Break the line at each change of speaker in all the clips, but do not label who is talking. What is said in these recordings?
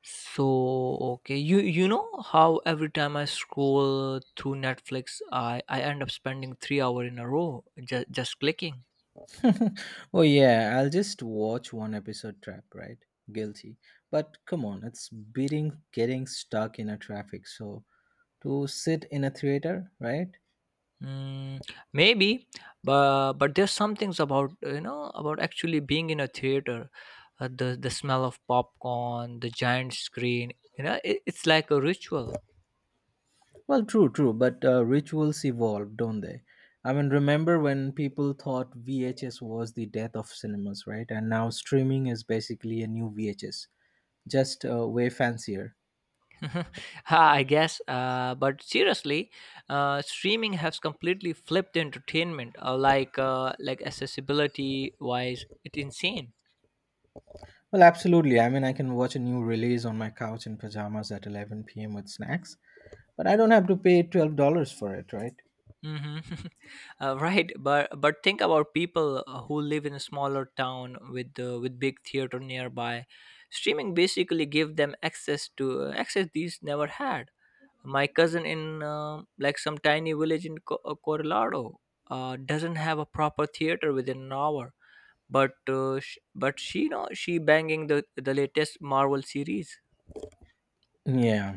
So, okay, you know how every time I scroll through Netflix, I end up spending 3 hours in a row just clicking.
Oh yeah, I'll just watch one episode trap, right? Guilty. But come on, it's beating getting stuck in a traffic. So to sit in a theater, right?
Mm, maybe, but there's some things about you know about actually being in a theater, the smell of popcorn, the giant screen. You know, it's like a ritual.
Well, true, true, but rituals evolve, don't they? I mean, remember when people thought VHS was the death of cinemas, right? And now streaming is basically a new VHS, just way fancier.
Mhm. I guess, but seriously, streaming has completely flipped entertainment. Like accessibility wise, it's insane.
Well, absolutely. I mean, I can watch a new release on my couch in pajamas at 11 p.m. with snacks, but I don't have to pay $12 for it, right?
Hmm. Right, but think about people who live in a smaller town with big theater nearby. Streaming basically give them access to access these never had. My cousin in uh, like some tiny village in Colorado doesn't have a proper theater within an hour but sh- but she no she banging the latest Marvel series.
Yeah.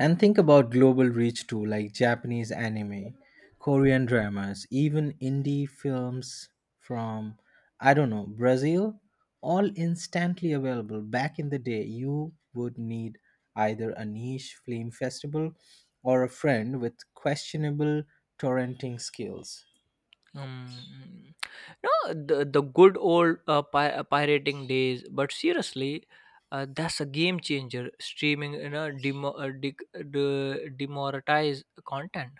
And think about global reach too, like Japanese anime, Korean dramas, even indie films from, I don't know, Brazil, all instantly available. Back in the day, you would need either a niche film festival or a friend with questionable torrenting skills.
Mm. no, the good old pirating days. But seriously, that's a game changer. Streaming, you know, demoralize content.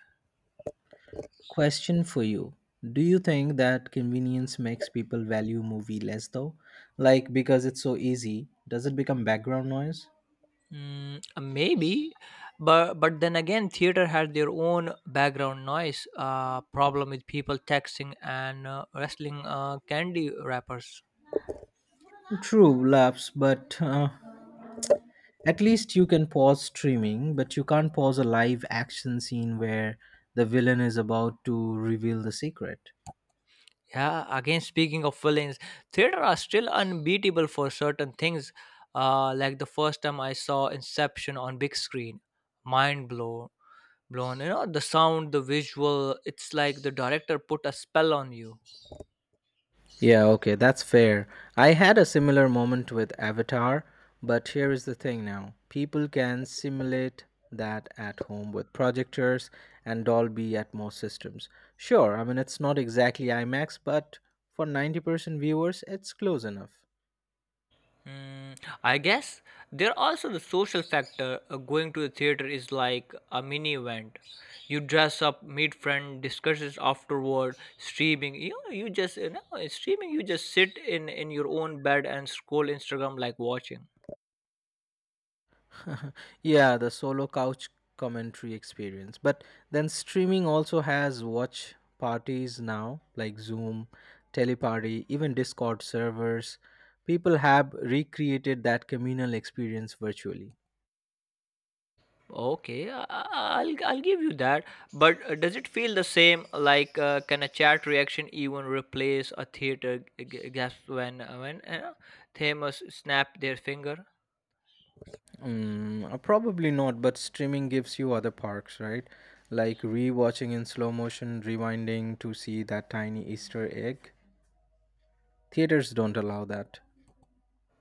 Question for you. Do you think that convenience makes people value movie less though? Like because it's so easy, does it become background noise?
Maybe, but then again, theater had their own background noise. Problem with people texting and wrestling candy wrappers.
True, laps, but at least you can pause streaming, but you can't pause a live action scene where the villain is about to reveal the secret.
Yeah, again, speaking of villains, theater are still unbeatable for certain things. Like the first time I saw Inception on big screen, mind blown, blown. You know, the sound, the visual. It's like the director put a spell on you.
Yeah, okay, that's fair. I had a similar moment with Avatar, but here is the thing now. People can simulate that at home with projectors and Dolby Atmos systems. Sure, I mean, it's not exactly IMAX, but for 90% viewers, it's close enough.
Mm, I guess there are also the social factor. Going to the theater is like a mini event. You dress up, meet friend, discusses afterward. Streaming, you know, you just you know, in streaming. You just sit in your own bed and scroll Instagram like watching.
Yeah, the solo couch commentary experience. But then streaming also has watch parties now, like Zoom, Teleparty, even Discord servers. People have recreated that communal experience virtually.
Okay, I'll give you that. But does it feel the same? Can a chat reaction even replace a theater gasp when Themas snap their finger?
Mm, probably not, but streaming gives you other perks, right? Like rewatching in slow motion, rewinding to see that tiny Easter egg. Theaters don't allow that.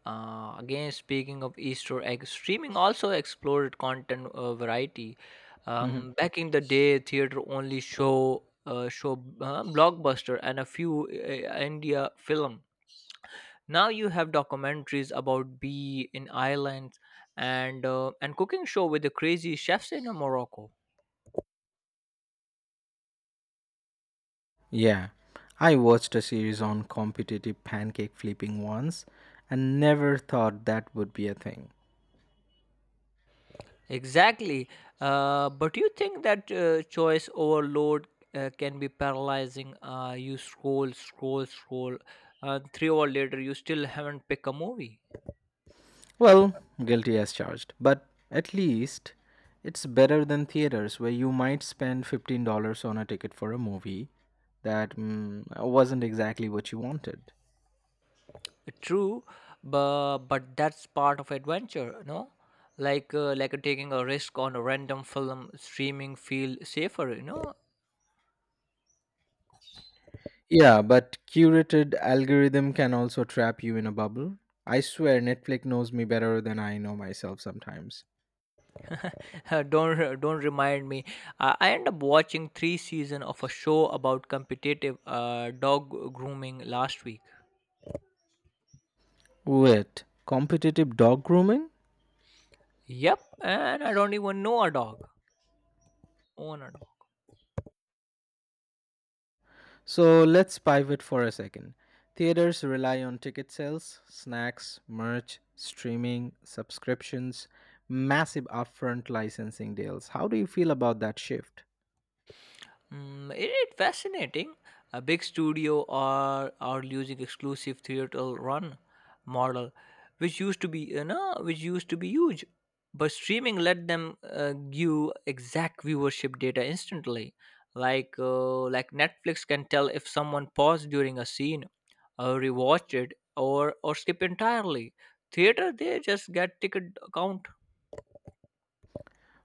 Again, speaking of Easter egg, streaming also explored content variety. Back in the day, theater only show blockbuster and a few India film. Now you have documentaries about bee in Ireland and and cooking show with the crazy chefs in Morocco.
Yeah, I watched a series on competitive pancake flipping once and never thought that would be a thing.
Exactly. But you think that choice overload can be paralyzing? You scroll, scroll, scroll, and 3 hours later, you still haven't picked a movie.
Well, guilty as charged, but at least it's better than theaters where you might spend $15 on a ticket for a movie that wasn't exactly what you wanted.
True, but that's part of adventure, no? Like taking a risk on a random film streaming feel safer, you know.
Yeah, but curated algorithm can also trap you in a bubble. I swear Netflix knows me better than I know myself sometimes.
Don't remind me. I end up watching three season of a show about competitive dog grooming last week.
Wait, competitive dog grooming?
Yep, and I don't even know a dog. Own a dog.
So let's pivot for a second. Theaters rely on ticket sales, snacks, merch, streaming, subscriptions, massive upfront licensing deals. How do you feel about that shift?
It, it fascinating. A big studio are using exclusive theater run model, which used to be huge, but streaming let them give exact viewership data instantly. Like Netflix can tell if someone paused during a scene, or rewatched it, or skip entirely. Theater they just get ticket count.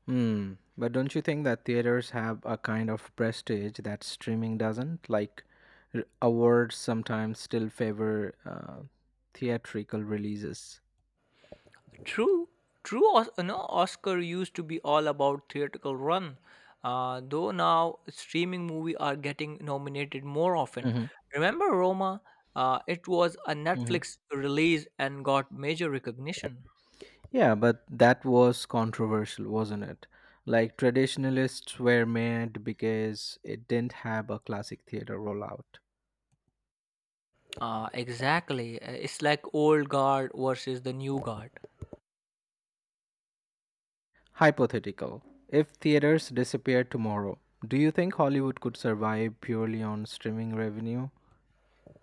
Hmm, but don't you think that theaters have a kind of prestige that streaming doesn't? Like awards sometimes still favor theatrical releases.
True, true. Oscar used to be all about theatrical run, though now streaming movie are getting nominated more often.
Mm-hmm,
Remember Roma? It was a
mm-hmm.
Netflix release and got major recognition.
Yeah, but that was controversial, wasn't it? Like traditionalists were mad because it didn't have a classic theater rollout.
Exactly. It's like old guard versus the new guard.
Hypothetical. If theaters disappeared tomorrow, do you think Hollywood could survive purely on streaming revenue?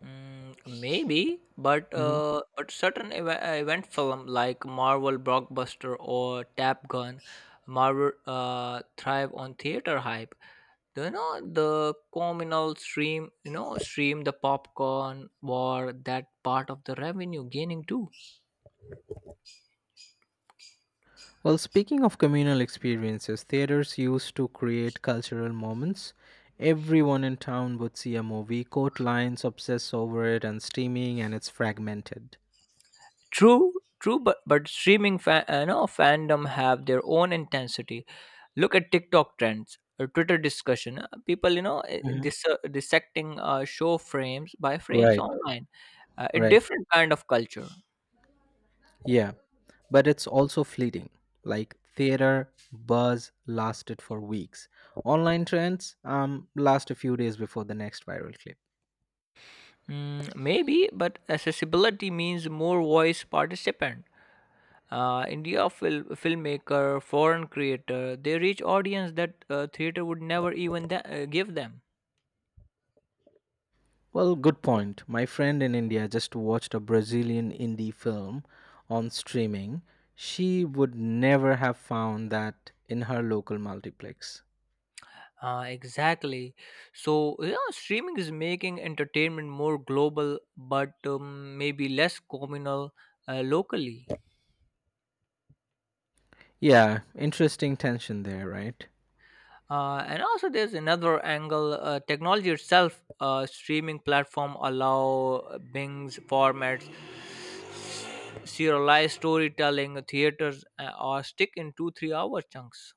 Mm, Maybe, but
Mhm.
certain event film like Marvel blockbuster or Tap Gun, Marvel thrive on theater hype. Do You know the communal stream the popcorn war that part of the revenue gaining too.
Well, speaking of communal experiences, theaters used to create cultural moments. Everyone in town would see a movie, court lines obsess over it, and streaming, and it's fragmented.
True, true, but streaming fan, you know, fandom have their own intensity. Look at TikTok trends or Twitter discussion. People,
Mhm.
dissecting show frames by frames
Right,
online. A
right.
different kind of culture.
Yeah, but it's also fleeting. Like theater buzz lasted for weeks. Online trends last a few days before the next viral clip.
Maybe, but accessibility means more voice participant. Filmmaker, foreign creator, they reach audience that theater would never even give them.
Well, good point. My friend in India just watched a Brazilian indie film on streaming. She would never have found that in her local multiplex.
Exactly. So, yeah, streaming is making entertainment more global, but maybe less communal locally.
Yeah, interesting tension there, right?
And also, there's another angle. Technology itself, streaming platform allow Bing's formats, serialized storytelling, theaters, or stick in two three hour chunks.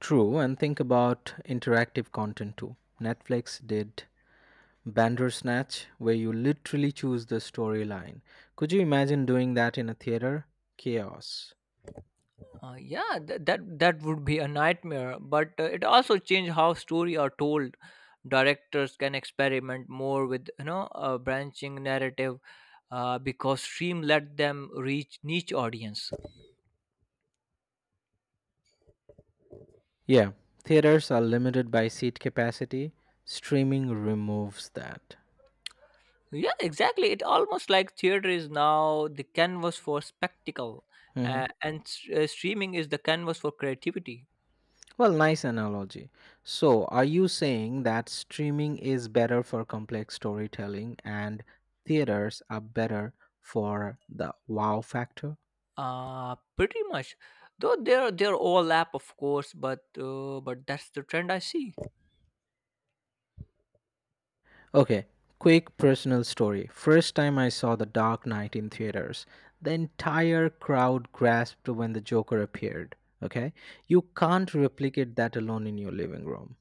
True, and think about interactive content too. Netflix did Bandersnatch, where you literally choose the storyline. Could you imagine doing that in a theater? Chaos.
That that would be a nightmare. But it also changed how story are told. Directors can experiment more with you know a branching narrative, because stream let them reach niche audience.
Yeah, theaters are limited by seat capacity. Streaming removes that.
Yeah, exactly. It almost like theater is now the canvas for spectacle,
Mhm.
streaming is the canvas for creativity.
Well, nice analogy. So, are you saying that streaming is better for complex storytelling and theaters are better for the wow factor?
Pretty much. Though they're overlap, of course, but that's the trend I see.
Okay, quick personal story. First time I saw The Dark Knight in theaters, the entire crowd grasped when the Joker appeared. Okay, you can't replicate that alone in your living room.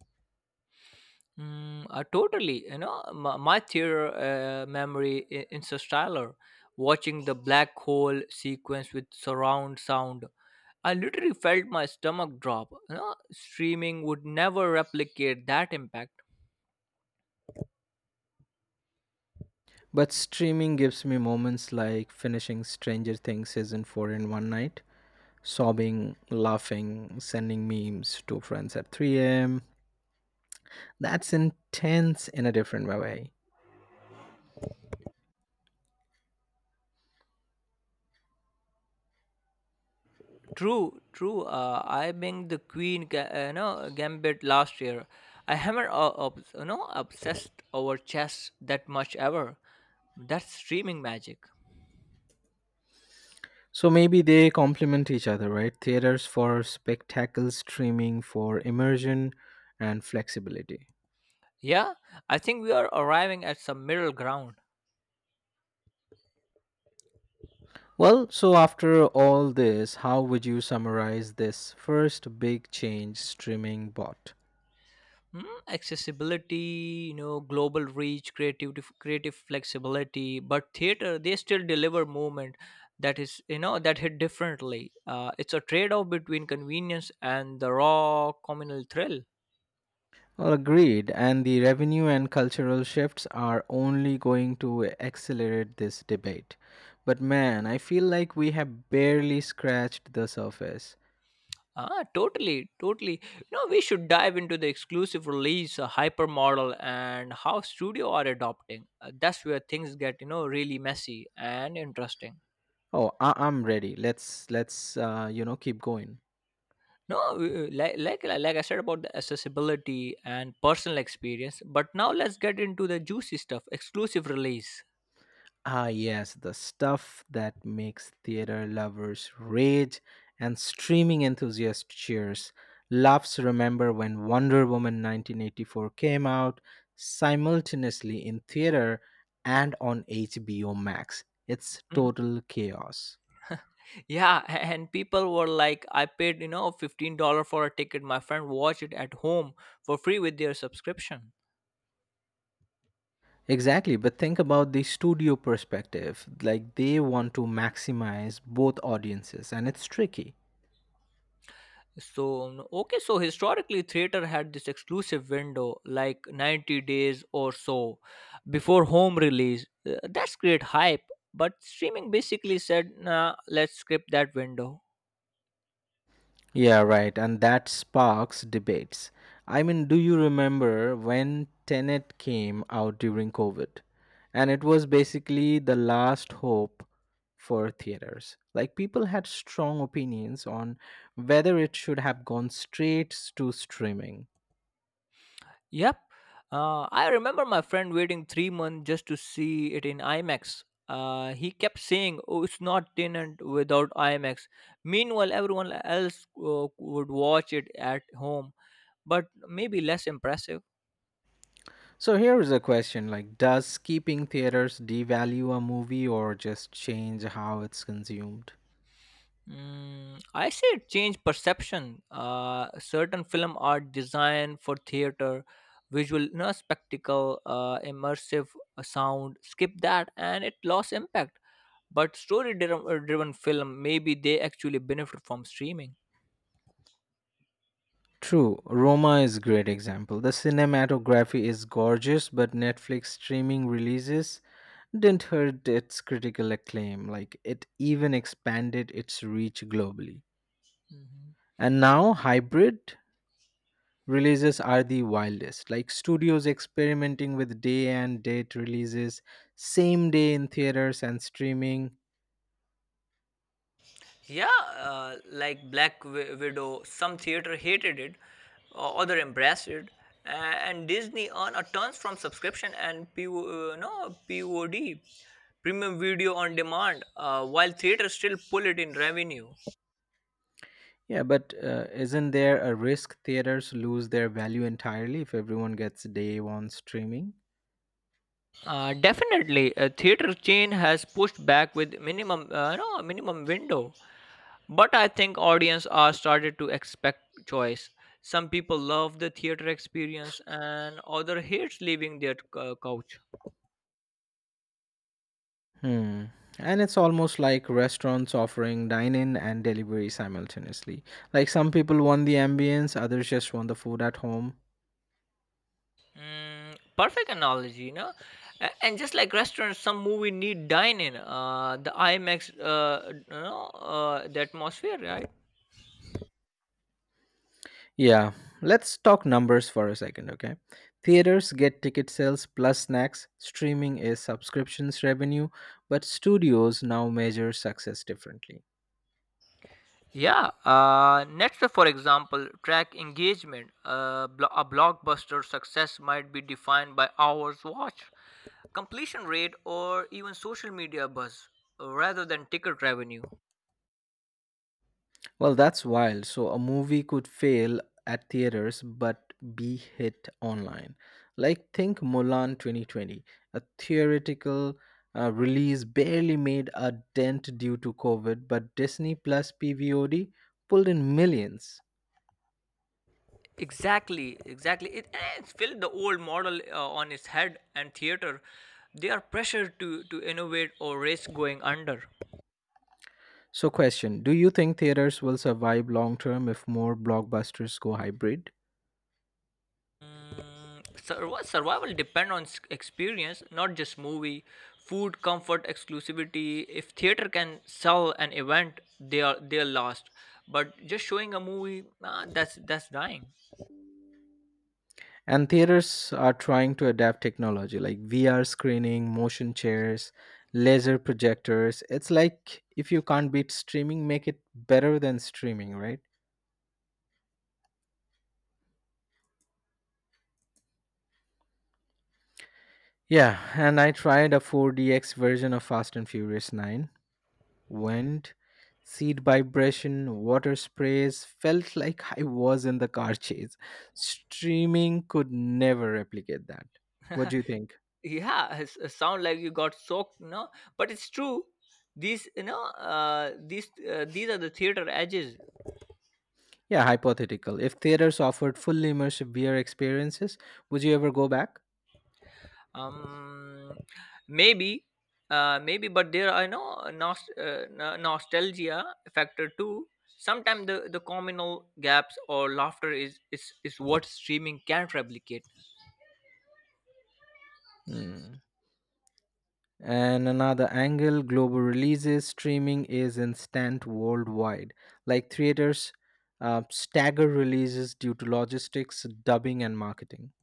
Totally. You know, my theater memory, Interstellar, watching the black hole sequence with surround sound, I literally felt my stomach drop. You know, streaming would never replicate that impact.
But streaming gives me moments like finishing Stranger Things season 4 in one night, sobbing, laughing, sending memes to friends at 3 am. That's intense in a different way.
True, true. I being the queen, gambit last year. I haven't, obsessed over chess that much ever. That's streaming magic.
So maybe they complement each other, right? Theaters for spectacle, streaming for immersion and flexibility.
Yeah, I think we are arriving at some middle ground.
Well, so after all this, how would you summarize this first big change streaming bought?
Hmm? Accessibility, you know, global reach, creative flexibility. But theater, they still deliver movement that is, that hit differently. It's a trade-off between convenience and the raw communal thrill.
Well, agreed. And the revenue and cultural shifts are only going to accelerate this debate. But man, I feel like we have barely scratched the surface.
Ah, totally, totally. No, we should dive into the exclusive release, hypermodel, and how studio are adopting. That's where things get, you know, really messy and interesting.
Oh, I'm ready. Let's keep going.
No, like I said about the accessibility and personal experience, but now let's get into the juicy stuff exclusive release.
Ah, yes, the stuff that makes theater lovers rage and streaming enthusiasts cheers. Loves remember when Wonder Woman 1984 came out simultaneously in theater and on HBO Max. It's
Mm-hmm.
total chaos.
Yeah, and people were like, I paid, you know, $15 for a ticket. My friend watched it at home for free with their subscription.
Exactly, but think about the studio perspective. Like they want to maximize both audiences, and it's tricky.
Okay, so historically, theater had this exclusive window, like 90 days or so before home release. That's great hype, but streaming basically said, nah, let's skip that window.
Yeah, right. And that sparks debates. I mean, do you remember when Tenet came out during COVID? And it was basically the last hope for theaters. Like, people had strong opinions on whether it should have gone straight to streaming.
Yep. I remember my friend waiting 3 months just to see it in IMAX. He kept saying, "Oh, it's not tenant without IMAX." Meanwhile, everyone else would watch it at home, but maybe less impressive.
So here is a question like does keeping theaters devalue a movie or just change how it's consumed?
I say it changed perception. Certain film are designed for theater, visual, no spectacle, immersive sound. Skip that, and it lost impact but story driven driven film maybe they actually benefit from streaming.
True, Roma is great example. The cinematography is gorgeous, but Netflix streaming releases didn't hurt its critical acclaim. Like it even expanded its reach globally.
Mhm.
And now hybrid releases are the wildest. Like studios experimenting with day and date releases, same day in theaters and streaming.
Yeah, Widow, some theater hated it, other embraced it, a- and Disney earned a tons from subscription and P- O, no POD, premium video on demand, while theaters still pull it in revenue.
Yeah, but isn't there a risk theaters lose their value entirely if everyone gets day one streaming?
Definitely, a theater chain has pushed back with minimum no minimum window, but I think audience are started to expect choice. Some people love the theater experience, and other hates leaving their couch.
Hmm. And it's almost like restaurants offering dine in and delivery simultaneously. Like some people want the ambience, others just want the food at home.
Perfect analogy, you know. A- And just like restaurants, some movie need dine-in. The IMAX, the atmosphere, right?
Yeah, let's talk numbers for a second, okay? Theaters get ticket sales plus snacks, streaming is subscriptions revenue, but studios now measure success differently.
Yeah. Netflix, for example, track engagement. A blockbuster success might be defined by hours watched, completion rate, or even social media buzz, rather than ticket revenue.
Well, that's wild. So a movie could fail at theaters but be hit online. Like think Mulan 2020, a theoretical release barely made a dent due to COVID, but Disney Plus PVOD pulled in millions.
Exactly, exactly. It's flipped the old model on its head, and theater, they are pressured to innovate or risk going under.
So question, do you think theaters will survive long term if more blockbusters go hybrid?
Survival depend on experience, not just movie, food, comfort, exclusivity. If theater can sell an event, they are lost. But just showing a movie, nah, that's dying.
And theaters are trying to adapt technology like VR screening, motion chairs, laser projectors. It's like if you can't beat streaming, make it better than streaming, right? Yeah, and I tried a 4DX version of Fast and Furious 9. Went, seat vibration, water sprays, felt like I was in the car chase. Streaming could never replicate that. What do you think?
Yeah, it sound like you got soaked, no? But it's true these are the theater edges.
Yeah, hypothetical. If theaters offered fully immersive VR experiences, would you ever go back?
um Maybe, maybe but there are no nost- no- nostalgia factor too. Sometimes the communal gaps or laughter is what streaming can't replicate.
Hmm. And another angle global releases, streaming is instant worldwide. Like theaters, stagger releases due to logistics, dubbing, and marketing.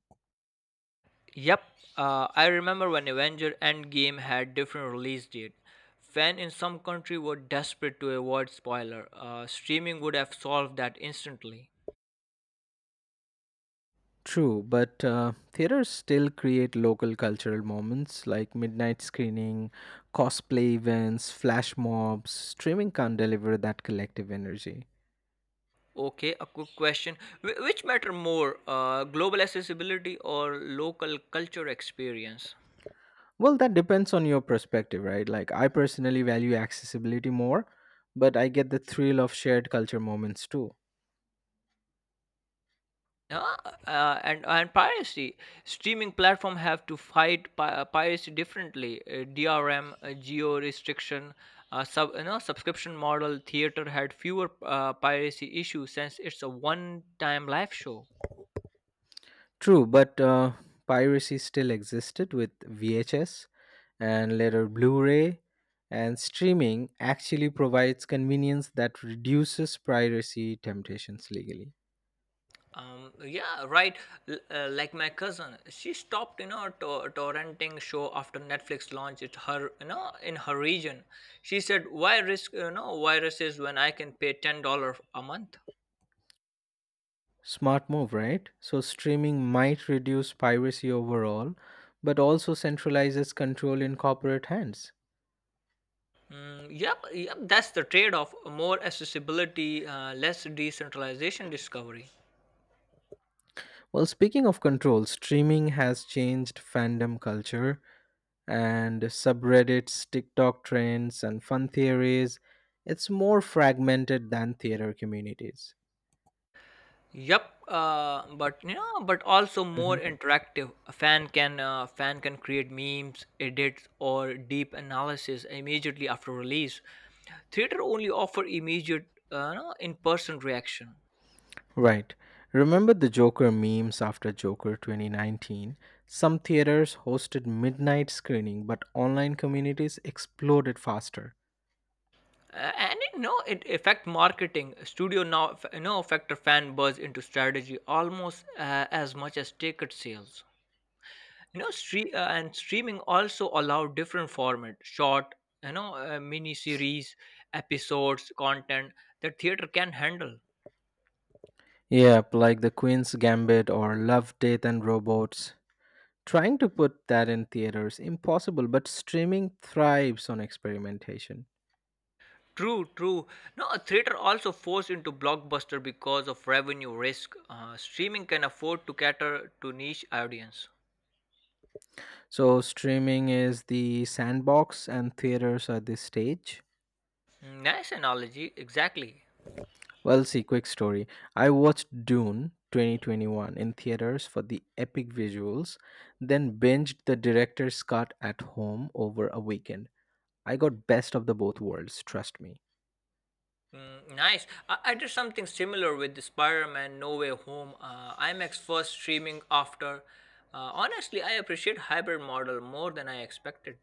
Yep. I remember when avenger endgame had different release date, fan in some country were desperate to avoid spoiler. Streaming would have solved that instantly.
True, but theaters still create local cultural moments like midnight screening, cosplay events, flash mobs. Streaming can't deliver that collective energy.
Okay, a quick question. Wh- which matter more, global accessibility or local culture experience?
Well, that depends on your perspective, right? Like, I personally value accessibility more, but I get the thrill of shared culture moments too.
Uh, and piracy. Streaming platform have to fight piracy differently. DRM, geo restriction, subscription model. Theater had fewer piracy issues since it's a one-time live show.
True, but piracy still existed with VHS and later Blu ray, and streaming actually provides convenience that reduces piracy temptations legally.
Yeah, right. L- like my cousin, she stopped, you know, torrenting show after Netflix launched it her, you know, in her region. She said, "Why risk, you know, viruses when I can pay $10 a month?"
Smart move, right? So, streaming might reduce piracy overall, but also centralizes control in corporate hands.
Yep, yep. That's the trade-off: more accessibility, less decentralization discovery.
Well, speaking of control, streaming has changed fandom culture and subreddits, TikTok trends, and fun theories. It's more fragmented than theater communities.
Yep, but also more
Mhm.
interactive. A fan can create memes, edits, or deep analysis immediately after release. Theater only offer immediate, no, in-person reaction,
Right. Remember the Joker memes after Joker 2019? Some theaters hosted midnight screening, but online communities exploded faster.
and you know it affect marketing. Studio now, you know, factor fan buzz into strategy almost as much as ticket sales. And streaming also allow different format short, mini series, episodes, content that theater can handle.
Yep, like the Queen's Gambit or Love, Death, and Robots. Trying to put that in theater is impossible, but streaming thrives on experimentation.
True, true. No a theater also forced into blockbuster because of revenue risk. Streaming can afford to cater to niche audience.
So, streaming is the sandbox and theaters are the stage.
Nice analogy, exactly.
Well, see, quick story. I watched Dune 2021 in theaters for the epic visuals, then binged the director's cut at home over a weekend. I got best of the both worlds, trust me.
Mm, nice. I did something similar with the Spider-Man No Way Home. IMAX first, streaming after. Honestly, I appreciate hybrid model more than I expected.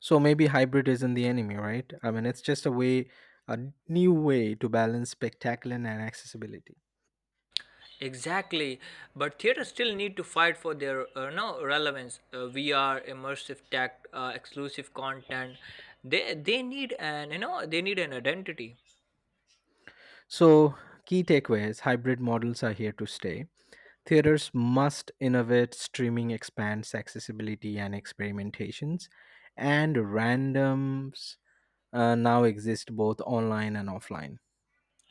So maybe hybrid isn't the enemy, right? I mean, it's just a way, a new way to balance spectacular and accessibility.
Exactly, but theaters still need to fight for their no relevance. VR, immersive tech, exclusive content. They need an they need an identity.
So, key takeaways hybrid models are here to stay. Theaters must innovate, streaming expands accessibility and experimentations, and randoms now exist both online and offline.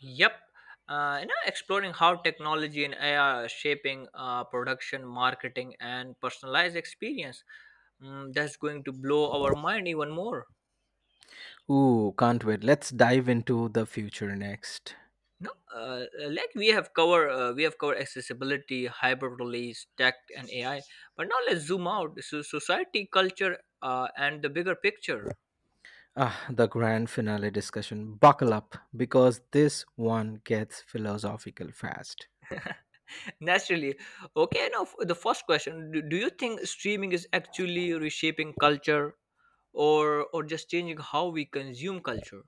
Yep, exploring how technology and AI are shaping production, marketing, and personalized experience. That's going to blow our mind even more.
Ooh, can't wait. Let's dive into the future next.
No, like we have covered accessibility, hyperrelease, tech, and AI. But now let's zoom out: so society, culture, and the bigger picture.
Ah, the grand finale discussion. Buckle up because this one gets philosophical fast.
Naturally, okay. The first question: do you think streaming is actually reshaping culture, or just changing how we consume culture?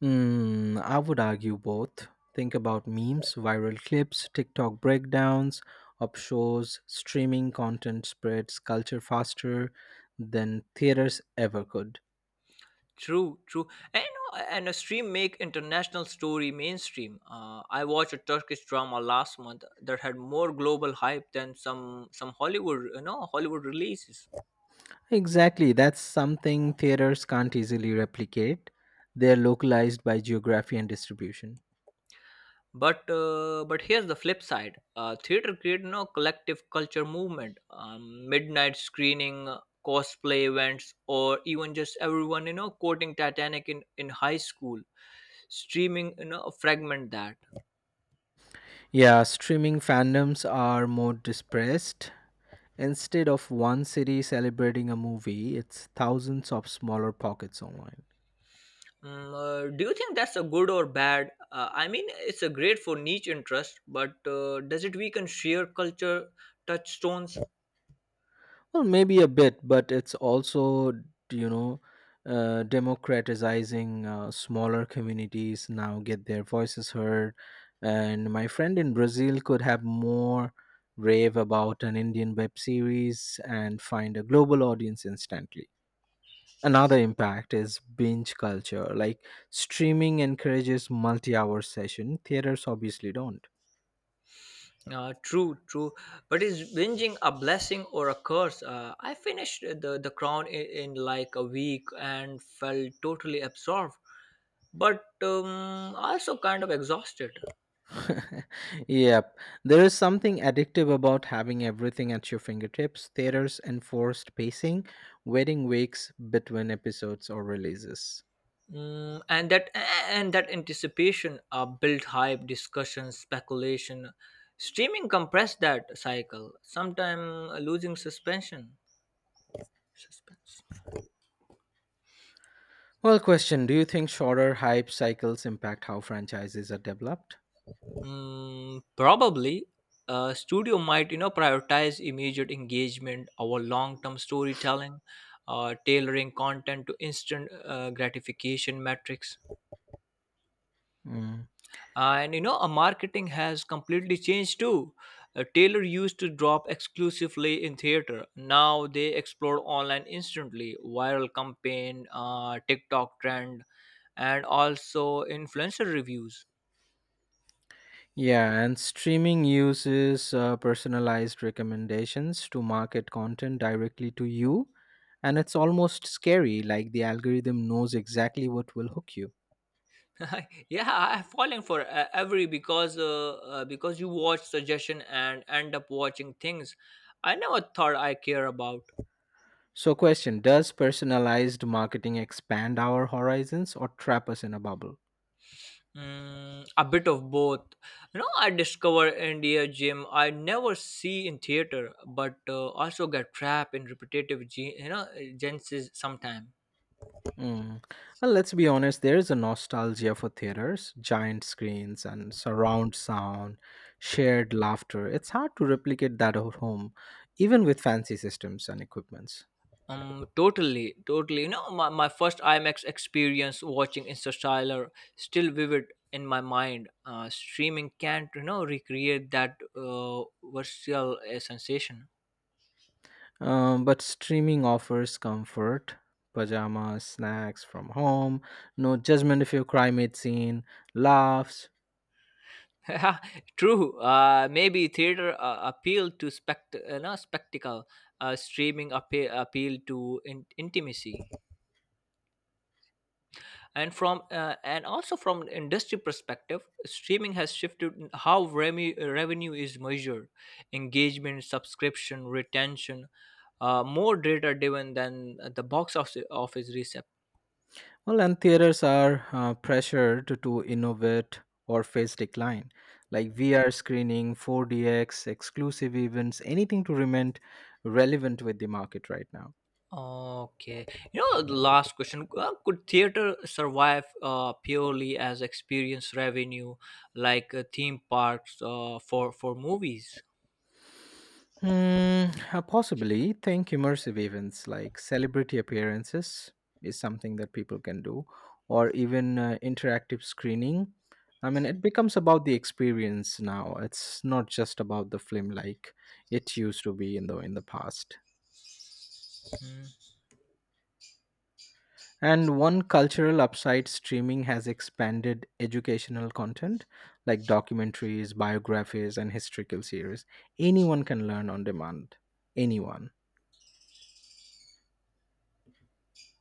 Hmm. I would argue both. Think about memes, viral clips, TikTok breakdowns, up shows, streaming content spreads culture faster than theaters ever could.
True, true. And, and a stream make international story mainstream. I watched a Turkish drama last month that had more global hype than some Hollywood, Hollywood releases.
Exactly, that's something theaters can't easily replicate. They're localized by geography and distribution.
But here's the flip side. Theater created no collective culture movement, midnight screening, cosplay events, or even just everyone quoting Titanic in high school. Streaming fragment that.
Yeah, streaming fandoms are more dispersed. Instead of one city celebrating a movie, it's thousands of smaller pockets online.
Mm, do you think that's a good or bad? I mean, it's a great for niche interest, but does it weaken sheer culture touchstones?
Well, maybe a bit, but it's also, you know, democratizing smaller communities now get their voices heard. And my friend in Brazil could have more rave about an Indian web series and find a global audience instantly. Another impact is binge culture, like streaming encourages multi hour session, theaters obviously don't.
True, true. But is binging a blessing or a curse? I finished the Crown in like a week and felt totally absorbed, but also kind of exhausted.
Yep. There is something addictive about having everything at your fingertips theaters, enforced pacing, waiting weeks between episodes or releases.
Mm, and that anticipation built hype, discussion, speculation. Streaming compressed that cycle sometime, losing suspension suspense.
Well, question. Do you think shorter hype cycles impact how franchises are developed?
Mm, probably. Studio might prioritize immediate engagement over long-term storytelling, tailoring content to instant gratification metrics.
Mm.
And a marketing has completely changed too. Taylor used to drop exclusively in theater, now they explore online instantly, viral campaign, tiktok trend, and also influencer reviews.
Yeah, and streaming uses personalized recommendations to market content directly to you. And it's almost scary, like the algorithm knows exactly what will hook you.
Yeah, I'm falling for, every because you watch suggestion and end up watching things I never thought I care about.
So, question. Does personalized marketing expand our horizons or trap us in a bubble?
Mm, a bit of both. You know, I discover India gym I never see in theater, but also get trapped in repetitive, genres sometime.
Mm. Well, let's be honest, there is a nostalgia for theaters, giant screens, and surround sound, shared laughter. It's hard to replicate that at home, even with fancy systems and equipments.
Totally, totally. You know, my first IMAX experience watching Interstellar still vivid in my mind. Streaming can't, recreate that visceral sensation.
But streaming offers comfort, pajamas, snacks from home, no judgment if you cry mid scene, laughs.
Yeah, true. Maybe theater appeal to spect, no, spectacle. Streaming appeal to intimacy, and from and also from an industry perspective, streaming has shifted in how revenue is measured: engagement, subscription, retention, more data driven than the box office.
Well, and theaters are pressured to innovate or face decline. Like VR screening, 4DX, exclusive events, anything to remain relevant with the market right now.
Okay. You know, the last question, could theater survive purely as experience revenue, like theme parks for movies?
Hmm, possibly think immersive events like celebrity appearances is something that people can do, or even interactive screening. I mean, it becomes about the experience now. It's not just about the film like it used to be in the past.
Hmm.
And one cultural upside streaming has expanded educational content like documentaries, biographies, and historical series. Anyone can learn on demand. Anyone.